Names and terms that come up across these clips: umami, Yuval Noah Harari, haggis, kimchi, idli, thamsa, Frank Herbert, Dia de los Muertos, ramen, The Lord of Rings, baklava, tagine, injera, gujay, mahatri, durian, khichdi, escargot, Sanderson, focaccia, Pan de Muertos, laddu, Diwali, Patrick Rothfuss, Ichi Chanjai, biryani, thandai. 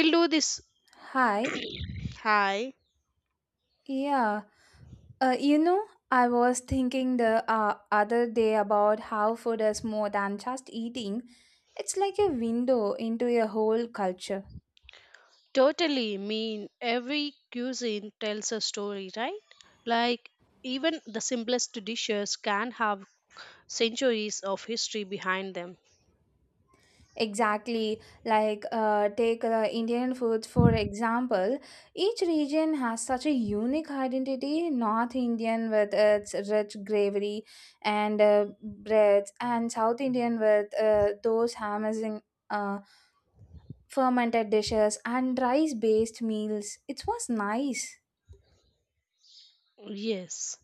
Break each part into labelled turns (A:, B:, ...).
A: We'll do this.
B: Hi.
A: Hi.
B: Yeah. I was thinking the other day about how food is more than just eating. It's like a window into a whole culture.
A: Totally mean every cuisine tells a story, right? Like even the simplest dishes can have centuries of history behind them.
B: Exactly. Like, take Indian food for example. Each region has such a unique identity. North Indian with its rich gravy and breads, and South Indian with those amazing. Uh, Fermented dishes and rice based meals. It was nice.
A: Yes.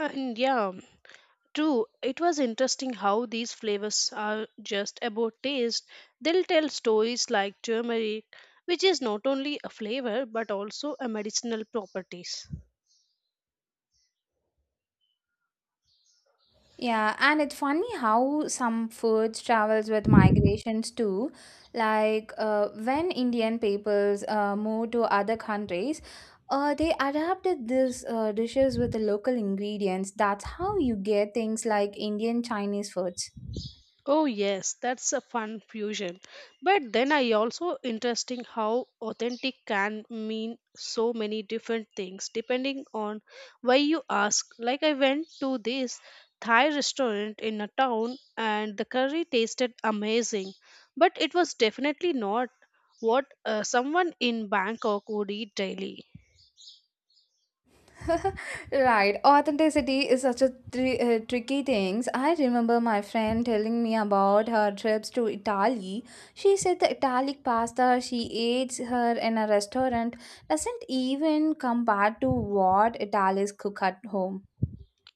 A: And yeah, true. It was interesting how these flavors are just about taste. They'll tell stories like turmeric, which is not only a flavor but also a medicinal properties.
B: Yeah, and it's funny how some foods travels with migrations too. Like when Indian peoples move to other countries, they adapted these dishes with the local ingredients. That's how you get things like Indian Chinese foods.
A: Oh yes, that's a fun fusion. But then I also interesting how authentic can mean so many different things depending on why you ask. Like I went to this Thai restaurant in a town and the curry tasted amazing, but it was definitely not what someone in Bangkok would eat daily.
B: Right. Authenticity is such a tricky thing. I remember my friend telling me about her trips to Italy. She said the Italian pasta she ate her in a restaurant doesn't even compare to what Italians cook at home.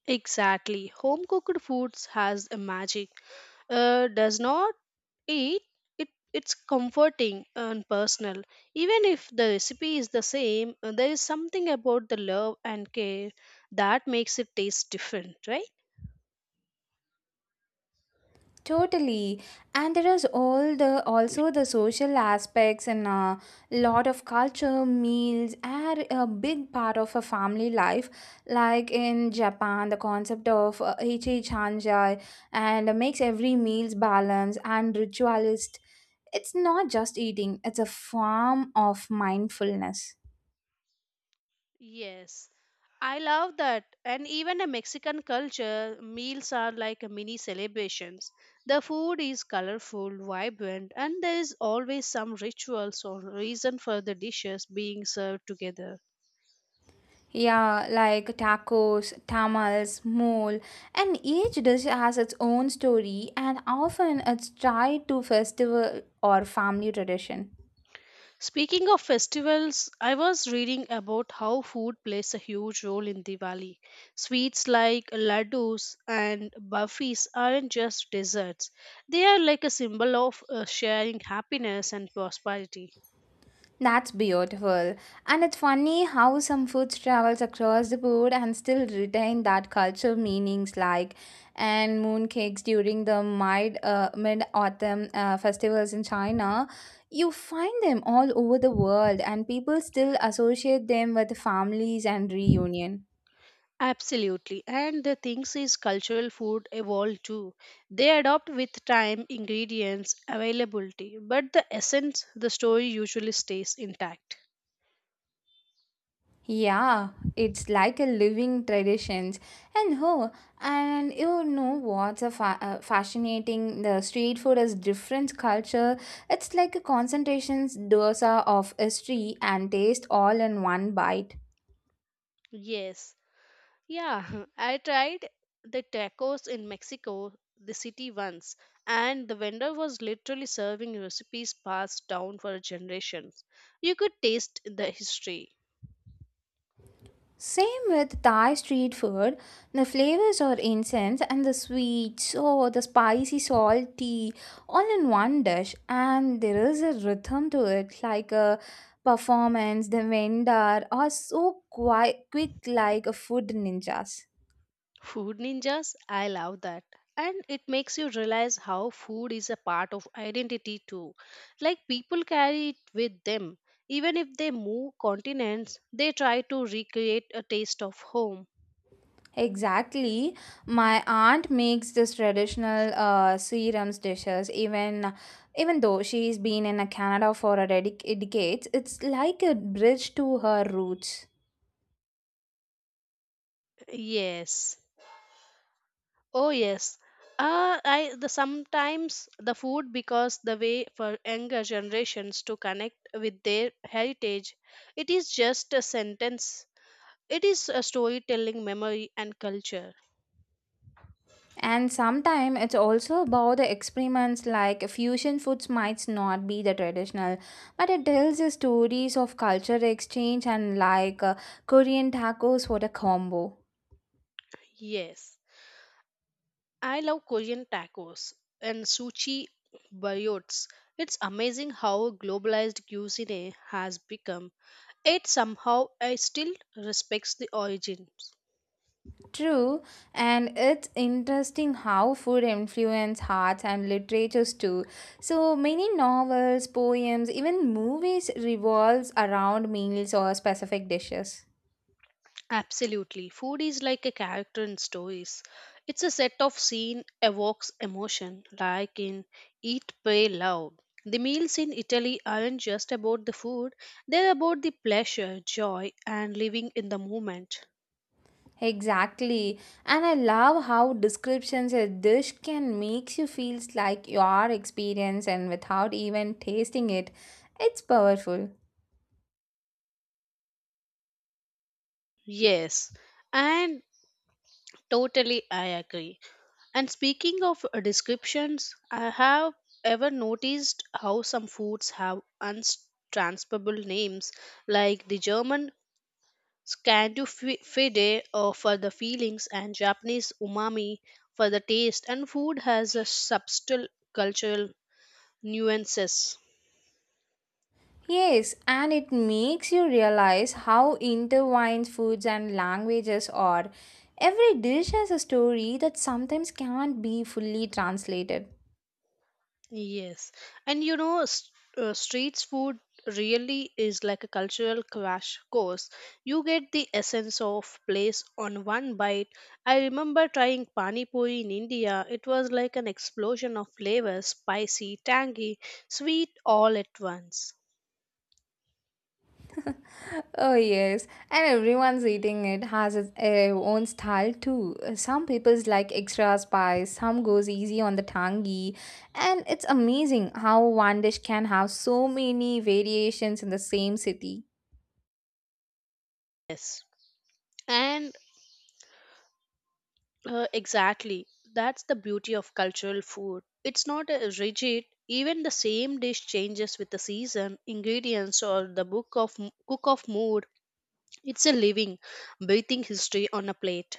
A: Exactly. Home cooked foods has a magic. Does not It, it's comforting and personal. Even if the recipe is the same, there is something about the love and care that makes it taste different, right?
B: Totally. And there is all the also the social aspects and a lot of culture, meals are a big part of a family life. Like in Japan, the concept of Ichi Chanjai and makes every meal's balance and ritualist. It's not just eating, it's a form of mindfulness.
A: Yes. I love that. And even a Mexican culture, meals are like a mini celebrations. The food is colorful, vibrant, and there is always some rituals or reason for the dishes being served together.
B: Yeah, like tacos, tamales, mole, and each dish has its own story, and often it's tied to festival or family tradition.
A: Speaking of festivals, I was reading about how food plays a huge role in Diwali. Sweets like laddus and burfis aren't just desserts, they are like a symbol of sharing happiness and prosperity.
B: That's beautiful, and it's funny how some foods travels across the board and still retain that cultural meanings, like and mooncakes during the mid autumn festivals in China. You find them all over the world, and people still associate them with families and reunion.
A: Absolutely, and the things is cultural food evolve too. They adopt with time, ingredients, availability, but the essence, the story usually stays intact.
B: Yeah, it's like a living traditions. And oh, and you know what's a fascinating? The street food is different culture. It's like a concentrations dosa of history and taste all in one bite.
A: Yes, yeah, I tried the tacos in Mexico, the city once, and the vendor was literally serving recipes passed down for generations. You could taste the history.
B: Same with Thai street food. The flavors are intense and the sweet, so the spicy, salty, all in one dish. And there is a rhythm to it, like a performance. The vendor are so quite quick, like a food ninjas.
A: Food ninjas, I love that. And it makes you realize how food is a part of identity too. Like people carry it with them. Even if they move continents, they try to recreate a taste of home.
B: Exactly. My aunt makes this traditional serums dishes even though she's been in Canada for a decades. It's like a bridge to her roots.
A: Yes. Oh yes, I the sometimes the food because the way for younger generations to connect with their heritage, it is just a sentence. It is a storytelling, memory, and culture.
B: And sometimes it's also about the experiments like fusion foods might not be the traditional, but it tells the stories of culture exchange and like Korean tacos for the combo.
A: Yes, I love Korean tacos and sushi burritos. It's amazing how globalized cuisine has become. It somehow I still respects the origins.
B: True, and it's interesting how food influences arts and literatures too. So many novels, poems, even movies revolves around meals or specific dishes.
A: Absolutely. Food is like a character in stories. It's a set of scene evokes emotion, like in Eat, Pray, Love. The meals in Italy aren't just about the food, they're about the pleasure, joy, and living in the moment.
B: Exactly. And I love how descriptions a dish can make you feel like your experience and without even tasting it. It's powerful.
A: Yes, and totally I agree. And speaking of descriptions, I have ever noticed how some foods have untransferable names, like the German Scandu fide for the feelings and Japanese umami for the taste and food has a subtle cultural nuances.
B: Yes, and it makes you realize how intertwined foods and languages are. Every dish has a story that sometimes can't be fully translated.
A: Yes. And you know streets food really is like a cultural crash course. You get the essence of place on one bite. I remember trying pani puri in India. It was like an explosion of flavors, spicy, tangy, sweet all at once.
B: Oh, yes, and everyone's eating it has its own style too. Some people's like extra spice, some goes easy on the tangy, and it's amazing how one dish can have so many variations in the same city.
A: Yes. And exactly. That's the beauty of cultural food. It's not rigid. Even the same dish changes with the season, ingredients, or the book of cook of mood. It's a living, breathing history on a plate.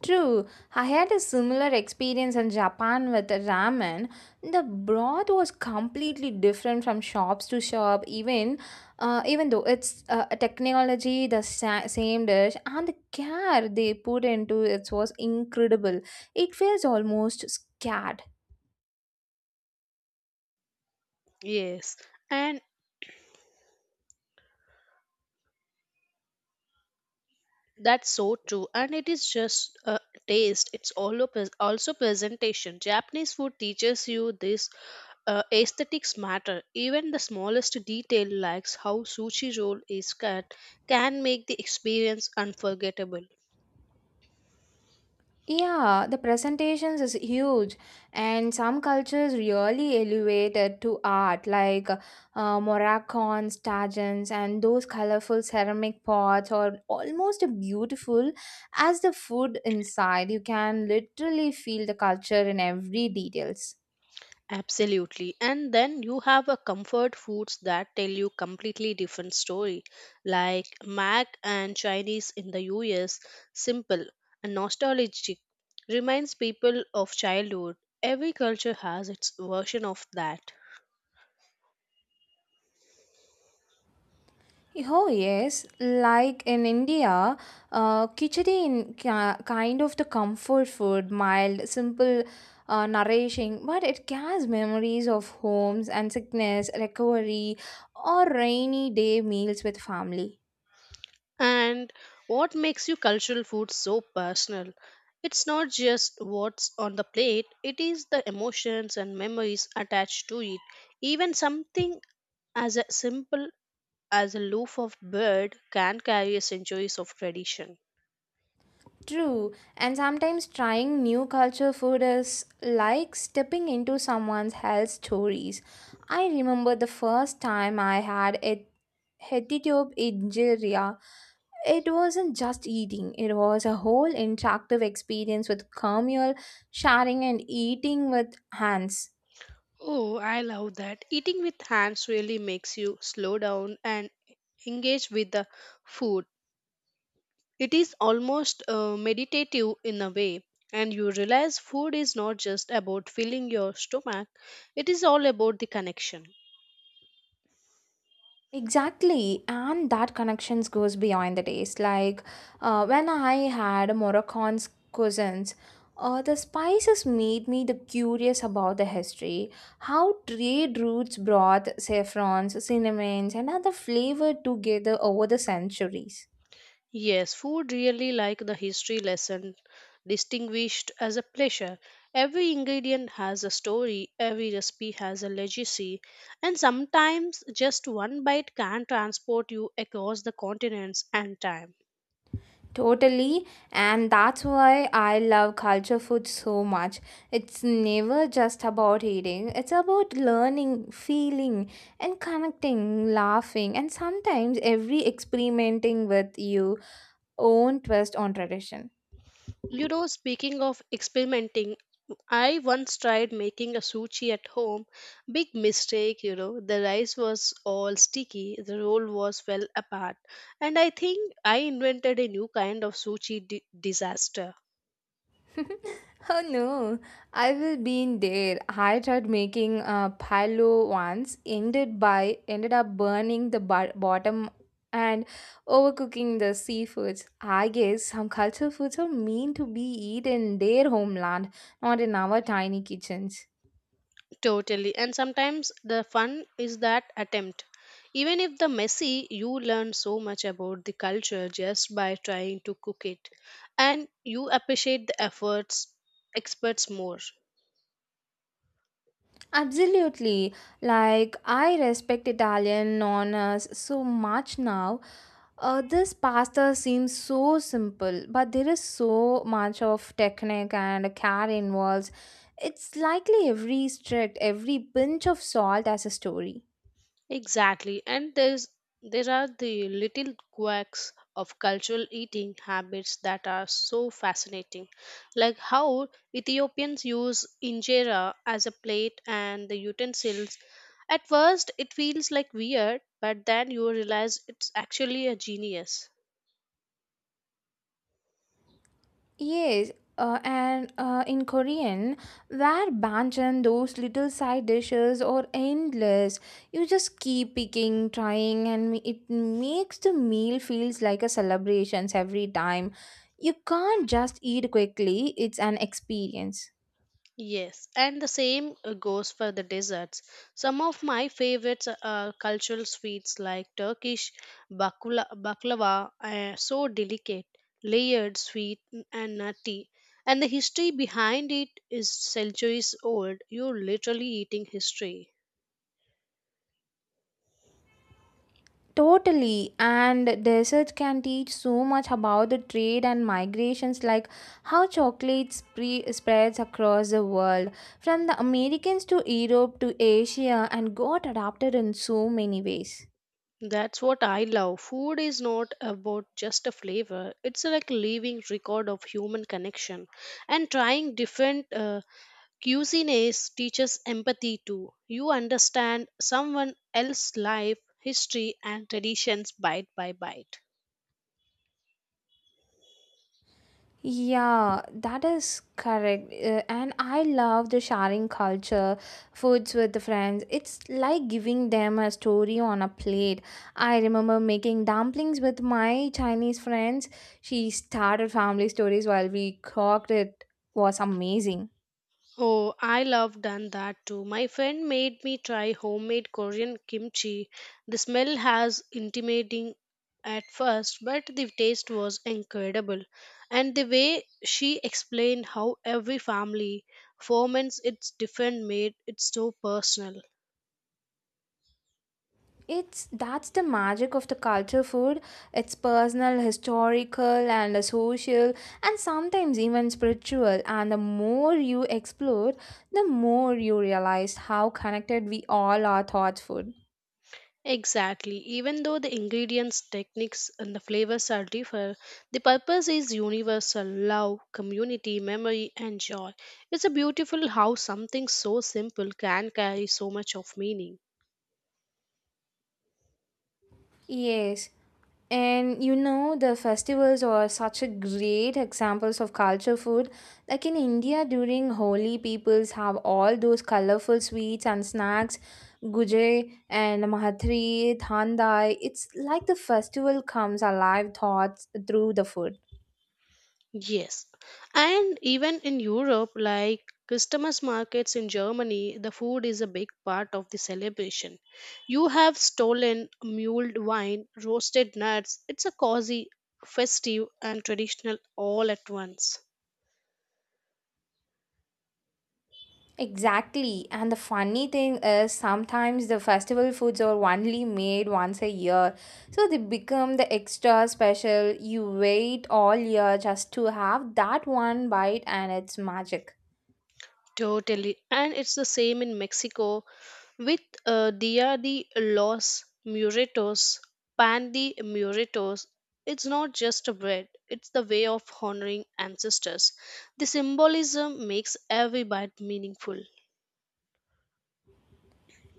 B: True, I had a similar experience in Japan with ramen. The broth was completely different from shops to shop, even though it's a technology, the same dish, and the care they put into it was incredible. It feels almost scared.
A: Yes, and that's so true. And it is just a taste. It's all also, also presentation. Japanese food teaches you this aesthetics matter. Even the smallest detail, like how sushi roll is cut, can make the experience unforgettable.
B: Yeah, the presentations is huge, and some cultures really elevate it to art, like Moroccans, tagines, and those colorful ceramic pots are almost beautiful as the food inside. You can literally feel the culture in every details.
A: Absolutely. And then you have a comfort foods that tell you completely different story, like Mac and Chinese in the US, simple and nostalgic, reminds people of childhood. Every culture has its version of that.
B: Oh yes, like in India, khichdi in kind of the comfort food, mild, simple, nourishing, but it carries memories of homes and sickness, recovery, or rainy day meals with family.
A: And what makes you cultural food so personal? It's not just what's on the plate, it is the emotions and memories attached to it. Even something as a simple as a loaf of bread can carry centuries of tradition.
B: True, and sometimes trying new culture food is like stepping into someone's health stories. I remember the first time I had a Hetitube injera. It wasn't just eating, it was a whole interactive experience with communal sharing and eating with hands.
A: Oh, I love that. Eating with hands really makes you slow down and engage with the food. It is almost meditative in a way, and you realize food is not just about filling your stomach, it is all about the connection.
B: Exactly, and that connections goes beyond the taste. Like when I had Moroccan's cousins, the spices made me the curious about the history, how trade routes brought saffrons, cinnamons, and other flavor together over the centuries.
A: Yes, food really like the history lesson distinguished as a pleasure. Every ingredient has a story, every recipe has a legacy, and sometimes just one bite can transport you across the continents and time.
B: Totally, and that's why I love culture food so much. It's never just about eating, it's about learning, feeling, and connecting, laughing, and sometimes every experimenting with your own twist on tradition.
A: You know, speaking of experimenting, I once tried making a sushi at home. Big mistake, you know. The rice was all sticky, the roll was fell apart. And I think I invented a new kind of disaster.
B: Oh no, I will be in there. I tried making a palo once, ended up burning the bottom and overcooking the seafoods. I guess some culture foods are meant to be eaten in their homeland, not in our tiny kitchens.
A: Totally. And sometimes the fun is that attempt. Even if the messy, you learn so much about the culture just by trying to cook it. And you appreciate the efforts experts more.
B: Absolutely. Like, I respect Italian nonnas so much now. This pasta seems so simple, but there is so much of technique and care involved. It's likely every strict, every pinch of salt has a story.
A: Exactly, and there are the little quirks of cultural eating habits that are so fascinating, like how Ethiopians use injera as a plate and the utensils. At first, it feels like weird, but then you realize it's actually a genius.
B: Yes, and in Korean, their banchan, those little side dishes are endless. You just keep picking, trying, and it makes the meal feels like a celebrations every time. You can't just eat quickly; it's an experience.
A: Yes, and the same goes for the desserts. Some of my favorites are cultural sweets like Turkish bakula, baklava, so delicate, layered, sweet, and nutty. And the history behind it is centuries old. You're literally eating history.
B: Totally, and the research can teach so much about the trade and migrations, like how chocolate spreads across the world from the Americans to Europe to Asia and got adapted in so many ways.
A: That's what I love. Food is not about just a flavor, it's like living record of human connection. And trying different cuisine is, teaches empathy too. You understand someone else's life, history, and traditions bite by bite.
B: Yeah, that is correct. And I love the sharing culture, foods with the friends. It's like giving them a story on a plate. I remember making dumplings with my Chinese friends. She started family stories while we cooked. It was amazing.
A: Oh, I love done that too. My friend made me try homemade Korean kimchi. The smell has intimidating at first, but the taste was incredible. And the way she explained how every family ferments its different made it so personal.
B: It's that's the magic of the culture food. It's personal, historical, and social, and sometimes even spiritual. And the more you explore, the more you realize how connected we all are thought food.
A: Exactly. Even though the ingredients, techniques, and the flavors are different, the purpose is universal love, community, memory, and joy. It's a beautiful how something so simple can carry so much of meaning.
B: Yes. And you know, the festivals are such a great examples of culture food. Like in India during Holi, peoples have all those colorful sweets and snacks, gujay and mahatri, thandai. It's like the festival comes alive thoughts through the food.
A: Yes. And even in Europe, like Christmas markets in Germany, the food is a big part of the celebration. You have stolen mulled wine, roasted nuts. It's a cozy, festive, and traditional all at once.
B: Exactly. And the funny thing is, sometimes the festival foods are only made once a year. So they become the extra special. You wait all year just to have that one bite, and it's magic.
A: Totally. And it's the same in Mexico with Dia de los Muertos, Pan de Muertos. It's not just a bread, it's the way of honoring ancestors. The symbolism makes every bite meaningful.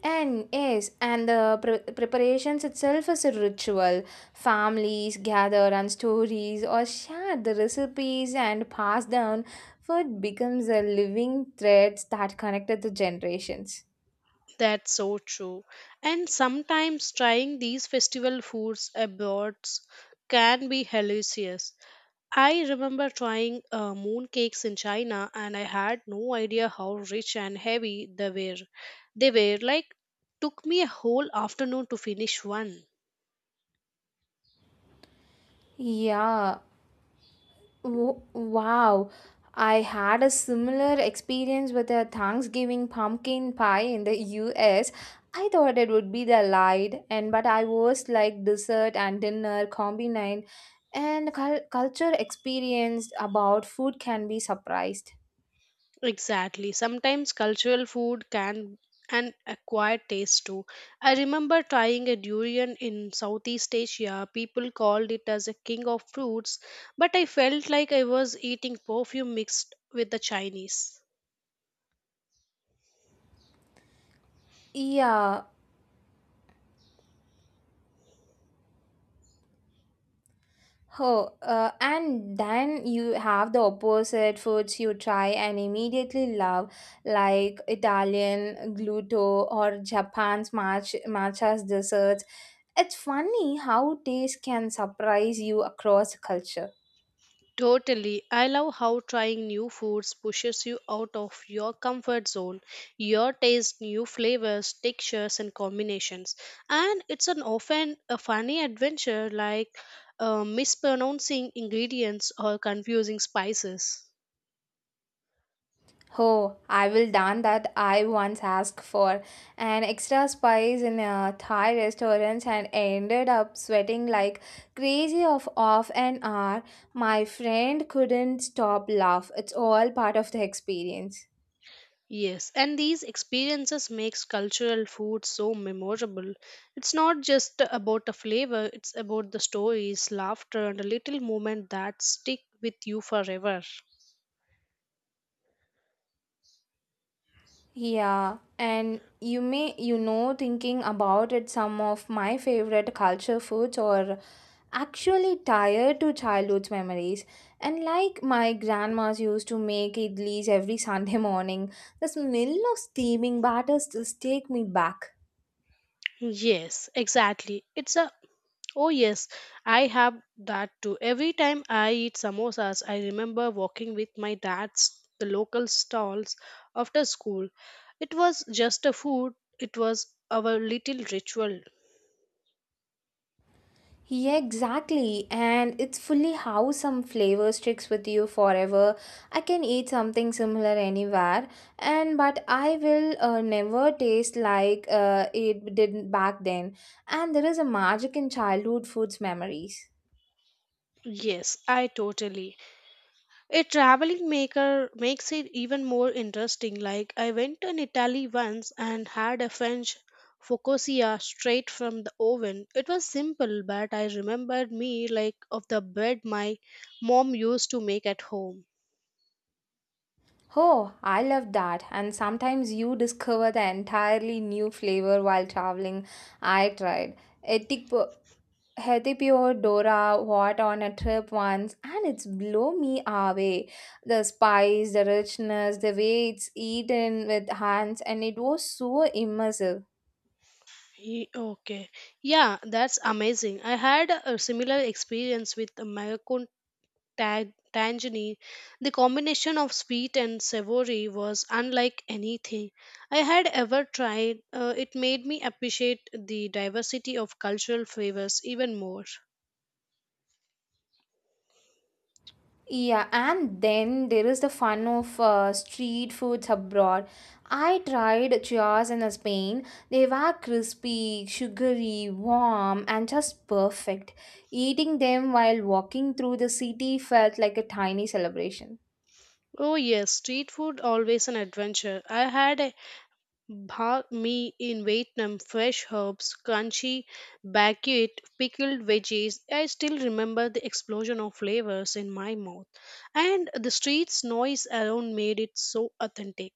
B: And yes, and the preparations itself is a ritual. Families gather and stories or share the recipes and pass down. Food becomes a living thread that connected the generations.
A: That's so true. And sometimes trying these festival foods abroad can be hilarious. I remember trying moon cakes in China and I had no idea how rich and heavy they were. They were like took me a whole afternoon to finish one.
B: Yeah, Wow, I had a similar experience with a Thanksgiving pumpkin pie in the U. S. I thought it would be the light, and but I was like dessert and dinner combined, and culture experience about food can be surprised.
A: Exactly. Sometimes cultural food can and acquire taste too. I remember trying a durian in Southeast Asia. People called it as a king of fruits, but I felt like I was eating perfume mixed with the Chinese.
B: Yeah, Oh, and then you have the opposite foods you try and immediately love, like Italian gluto or Japan's matcha's desserts. It's funny how taste can surprise you across culture.
A: Totally. I love how trying new foods pushes you out of your comfort zone. Your taste new flavors, textures and combinations. And it's an often a funny adventure like mispronouncing ingredients or confusing spices.
B: Oh, I will done that. I once asked for an extra spice in a Thai restaurant and ended up sweating like crazy of off an hour. My friend couldn't stop laugh. It's all part of the experience.
A: Yes, and these experiences makes cultural food so memorable. It's not just about the flavor, it's about the stories, laughter and a little moment that stick with you forever.
B: Yeah, and you know, thinking about it, some of my favorite culture foods are actually tied to childhood memories. And like my grandma's used to make idlis every Sunday morning, the smell of steaming batter still take me back.
A: Yes, exactly. It's a oh yes, I have that too. Every time I eat samosas, I remember walking with my dad's the local stalls after school. It was just a food, it was our little ritual.
B: Yeah, exactly. And it's fully how some flavor sticks with you forever. I can eat something similar anywhere, and but I will never taste like it did back then. And there is a magic in childhood foods memories.
A: Yes, I totally. A traveling maker makes it even more interesting. Like I went to Italy once and had a French focaccia straight from the oven. It was simple, but I remembered me like of the bread my mom used to make at home.
B: Oh, I love that. And sometimes you discover the entirely new flavor while traveling. I tried Etipo- Hetipio Dora what on a trip once and it's blow me away. The spice, the richness, the way it's eaten with hands and it was so immersive.
A: Okay. Yeah, that's amazing. I had a similar experience with American tangini. The combination of sweet and savory was unlike anything I had ever tried. It made me appreciate the diversity of cultural flavors even more.
B: Yeah, and then there is the fun of street foods abroad. I tried churros in Spain. They were crispy, sugary, warm, and just perfect. Eating them while walking through the city felt like a tiny celebration.
A: Oh, yes, street food always an adventure. I had a bha mi in Vietnam, fresh herbs, crunchy baked pickled veggies. I still remember the explosion of flavors in my mouth, and the street's noise around made it so authentic.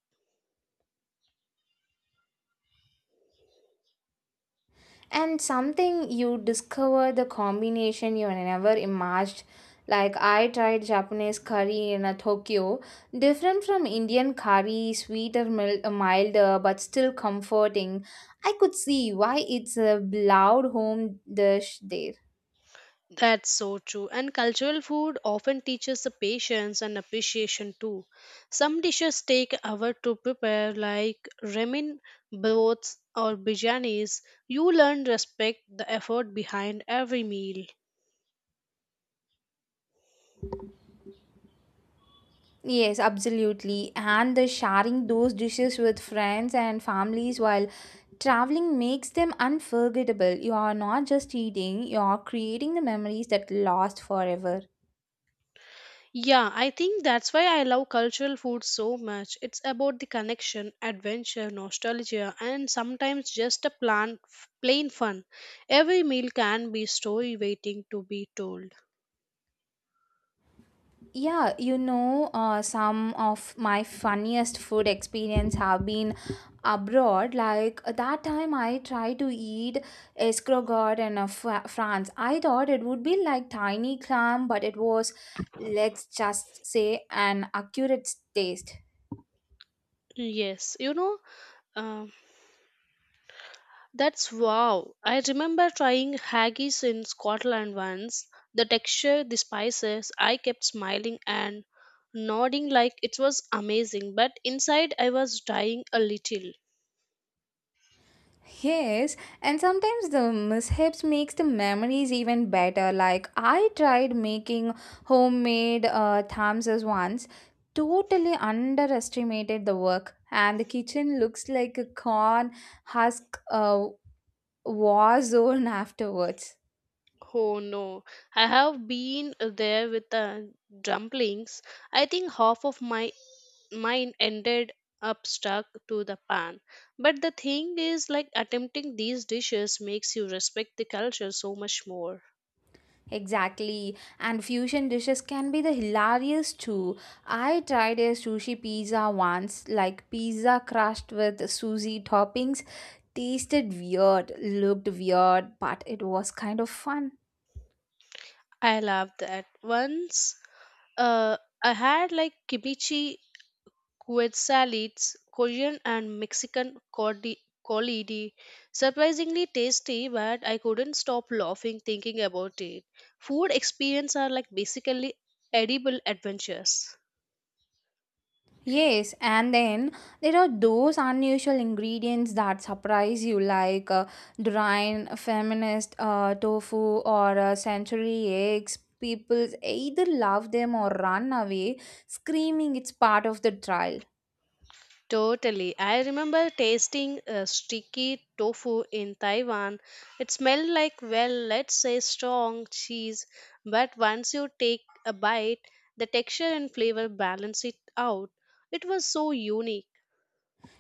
B: And something you discover the combination you never imagined. Like I tried Japanese curry in a Tokyo, different from Indian curry, sweeter, milder, but still comforting. I could see why it's a loud home dish there.
A: That's so true. And cultural food often teaches the patience and appreciation too. Some dishes take hours to prepare, like ramen, broths, or biryanis. You learn respect the effort behind every meal.
B: Yes, absolutely. And the sharing those dishes with friends and families while traveling makes them unforgettable. You are not just eating, you are creating the memories that last forever.
A: Yeah, I think that's why I love cultural food so much. It's about the connection, adventure, nostalgia, and sometimes just a plain fun. Every meal can be story waiting to be told.
B: Yeah, you know, some of my funniest food experience have been abroad. Like that time, I tried to eat escargot in France. I thought it would be like tiny clam, but it was, let's just say, an accurate taste.
A: Yes, you know. um That's wow. I remember trying haggis in Scotland once. The texture, the spices, I kept smiling and nodding like it was amazing, but inside I was dying a little.
B: Yes, and sometimes the mishaps makes the memories even better. Like I tried making homemade thamsas once, totally underestimated the work, and the kitchen looks like a corn husk war zone afterwards.
A: Oh no, I have been there with the dumplings. I think half of my mine ended up stuck to the pan. But the thing is like attempting these dishes makes you respect the culture so much more.
B: Exactly, and fusion dishes can be the hilarious too. I tried a sushi pizza once, like pizza crushed with sushi toppings tasted weird, looked weird, but it was kind of fun.
A: I love that. Once uh, I had like kimchi, quid salads, Korean and Mexican collidy. Surprisingly tasty, but I couldn't stop laughing thinking about it. Food experience are like basically edible adventures.
B: Yes, and then there are those unusual ingredients that surprise you, like durian, feminist tofu, or century eggs. People either love them or run away, screaming it's part of the trial.
A: Totally. I remember tasting sticky tofu in Taiwan. It smelled like, well, let's say strong cheese, but once you take a bite, the texture and flavor balance it out. It was so unique.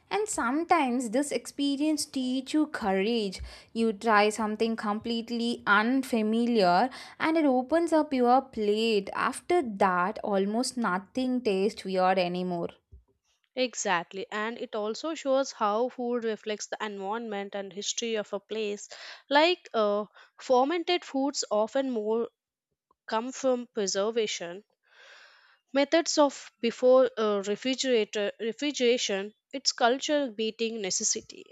B: And sometimes this experience teach you courage. You try something completely unfamiliar and it opens up your plate. After that, almost nothing tastes weird anymore.
A: Exactly. And it also shows how food reflects the environment and history of a place. Like fermented foods often more come from preservation methods of before refrigerator refrigeration its culture beating necessity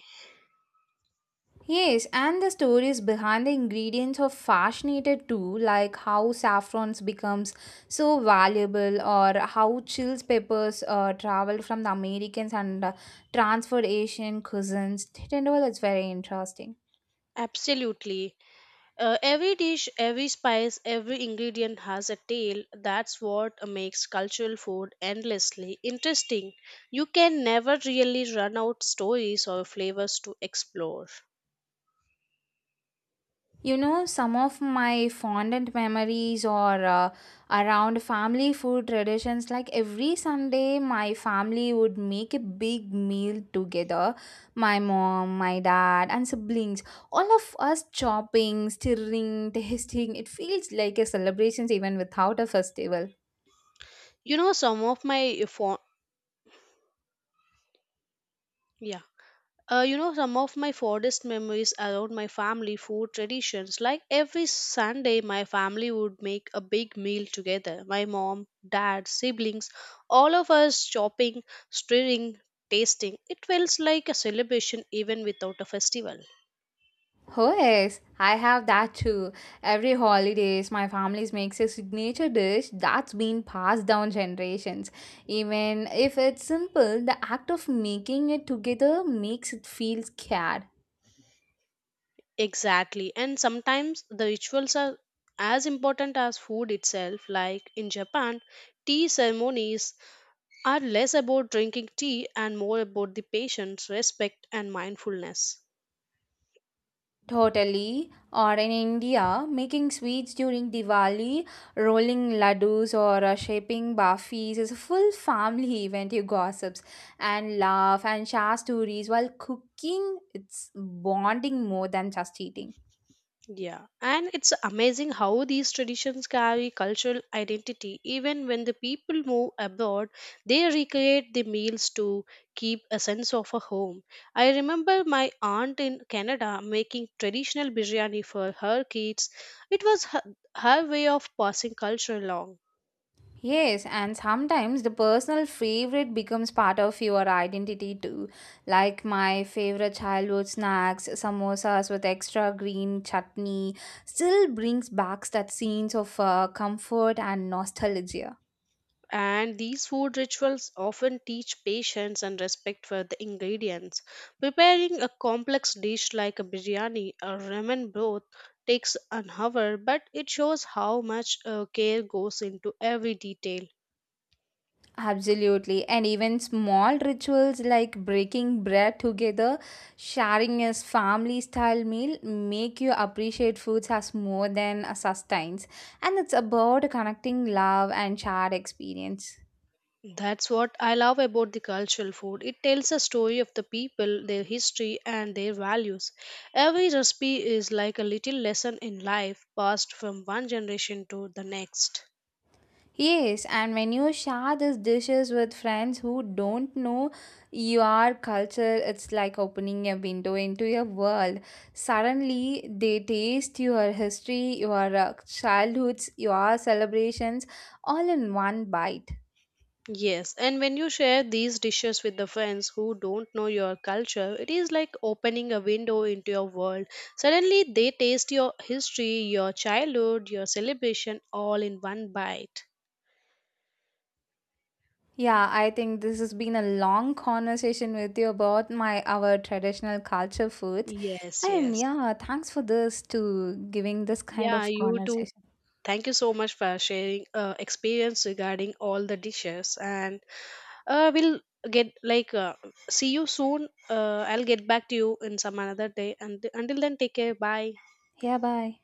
B: Yes, and the stories behind the ingredients are fascinated too, like how saffrons becomes so valuable, or how chills peppers traveled from the Americans and transferred Asian cousins. It and all is very interesting.
A: absolutely every dish every spice every ingredient has a tale that's what makes cultural food endlessly interesting you can never really run out stories or flavors to explore
B: You know, some of my fondant memories are around family food traditions. Like every Sunday, my family would make a big meal together. My mom, my dad, and siblings. All of us chopping, stirring, tasting. It feels like a celebration even without a festival.
A: you know some of my fo- yeah you know, some of my fondest memories around my family food traditions. Like every Sunday, my family would make a big meal together. My mom, dad, siblings, all of us chopping, stirring, tasting. It feels like a celebration even without a festival.
B: Oh yes, I have that too. Every holidays, my family makes a signature dish that's been passed down generations. Even if it's simple, the act of making it together makes it feel scared.
A: Exactly. And sometimes the rituals are as important as food itself. Like in Japan, tea ceremonies are less about drinking tea and more about the patience, respect, and mindfulness.
B: Totally. Or in India, making sweets during Diwali, rolling laddus or shaping bafis is a full family event. You gossips and laugh and share stories while cooking. It's bonding more than just eating.
A: Yeah, and it's amazing how these traditions carry cultural identity. Even when the people move abroad, they recreate the meals to keep a sense of a home. I remember my aunt in Canada making traditional biryani for her kids. It was her way of passing culture along.
B: Yes, and sometimes the personal favorite becomes part of your identity too. Like my favorite childhood snacks, samosas with extra green chutney, still brings back that scenes of comfort and nostalgia.
A: And these food rituals often teach patience and respect for the ingredients. Preparing a complex dish like a biryani or ramen broth takes an hour, but it shows how much care goes into every detail.
B: Absolutely, and even small rituals like breaking bread together, sharing a family style meal, make you appreciate foods as more than a sustenance. And it's about connecting love and shared experience.
A: That's what I love about the cultural food. It tells a story of the people, their history, and their values. Every recipe is like a little lesson in life passed from one generation to the next.
B: Yes, and when you share these dishes with friends who don't know your culture, it's like opening a window into your world. Suddenly, they taste your history, your childhoods, your celebrations all in one bite.
A: Yes, and when you share these dishes with the friends who don't know your culture, it is like opening a window into your world. Suddenly, they taste your history, your childhood, your celebration all in one bite.
B: Yeah, I think this has been a long conversation with you about my our traditional culture foods.
A: Yes,
B: And
A: yes.
B: yeah, thanks for this to giving this kind of
A: Yeah, you too.
B: conversation.
A: Thank you so much for sharing experience regarding all the dishes, and we'll get like see you soon. I'll get back to you in some another day, and until then, take care. Bye.
B: Yeah, bye.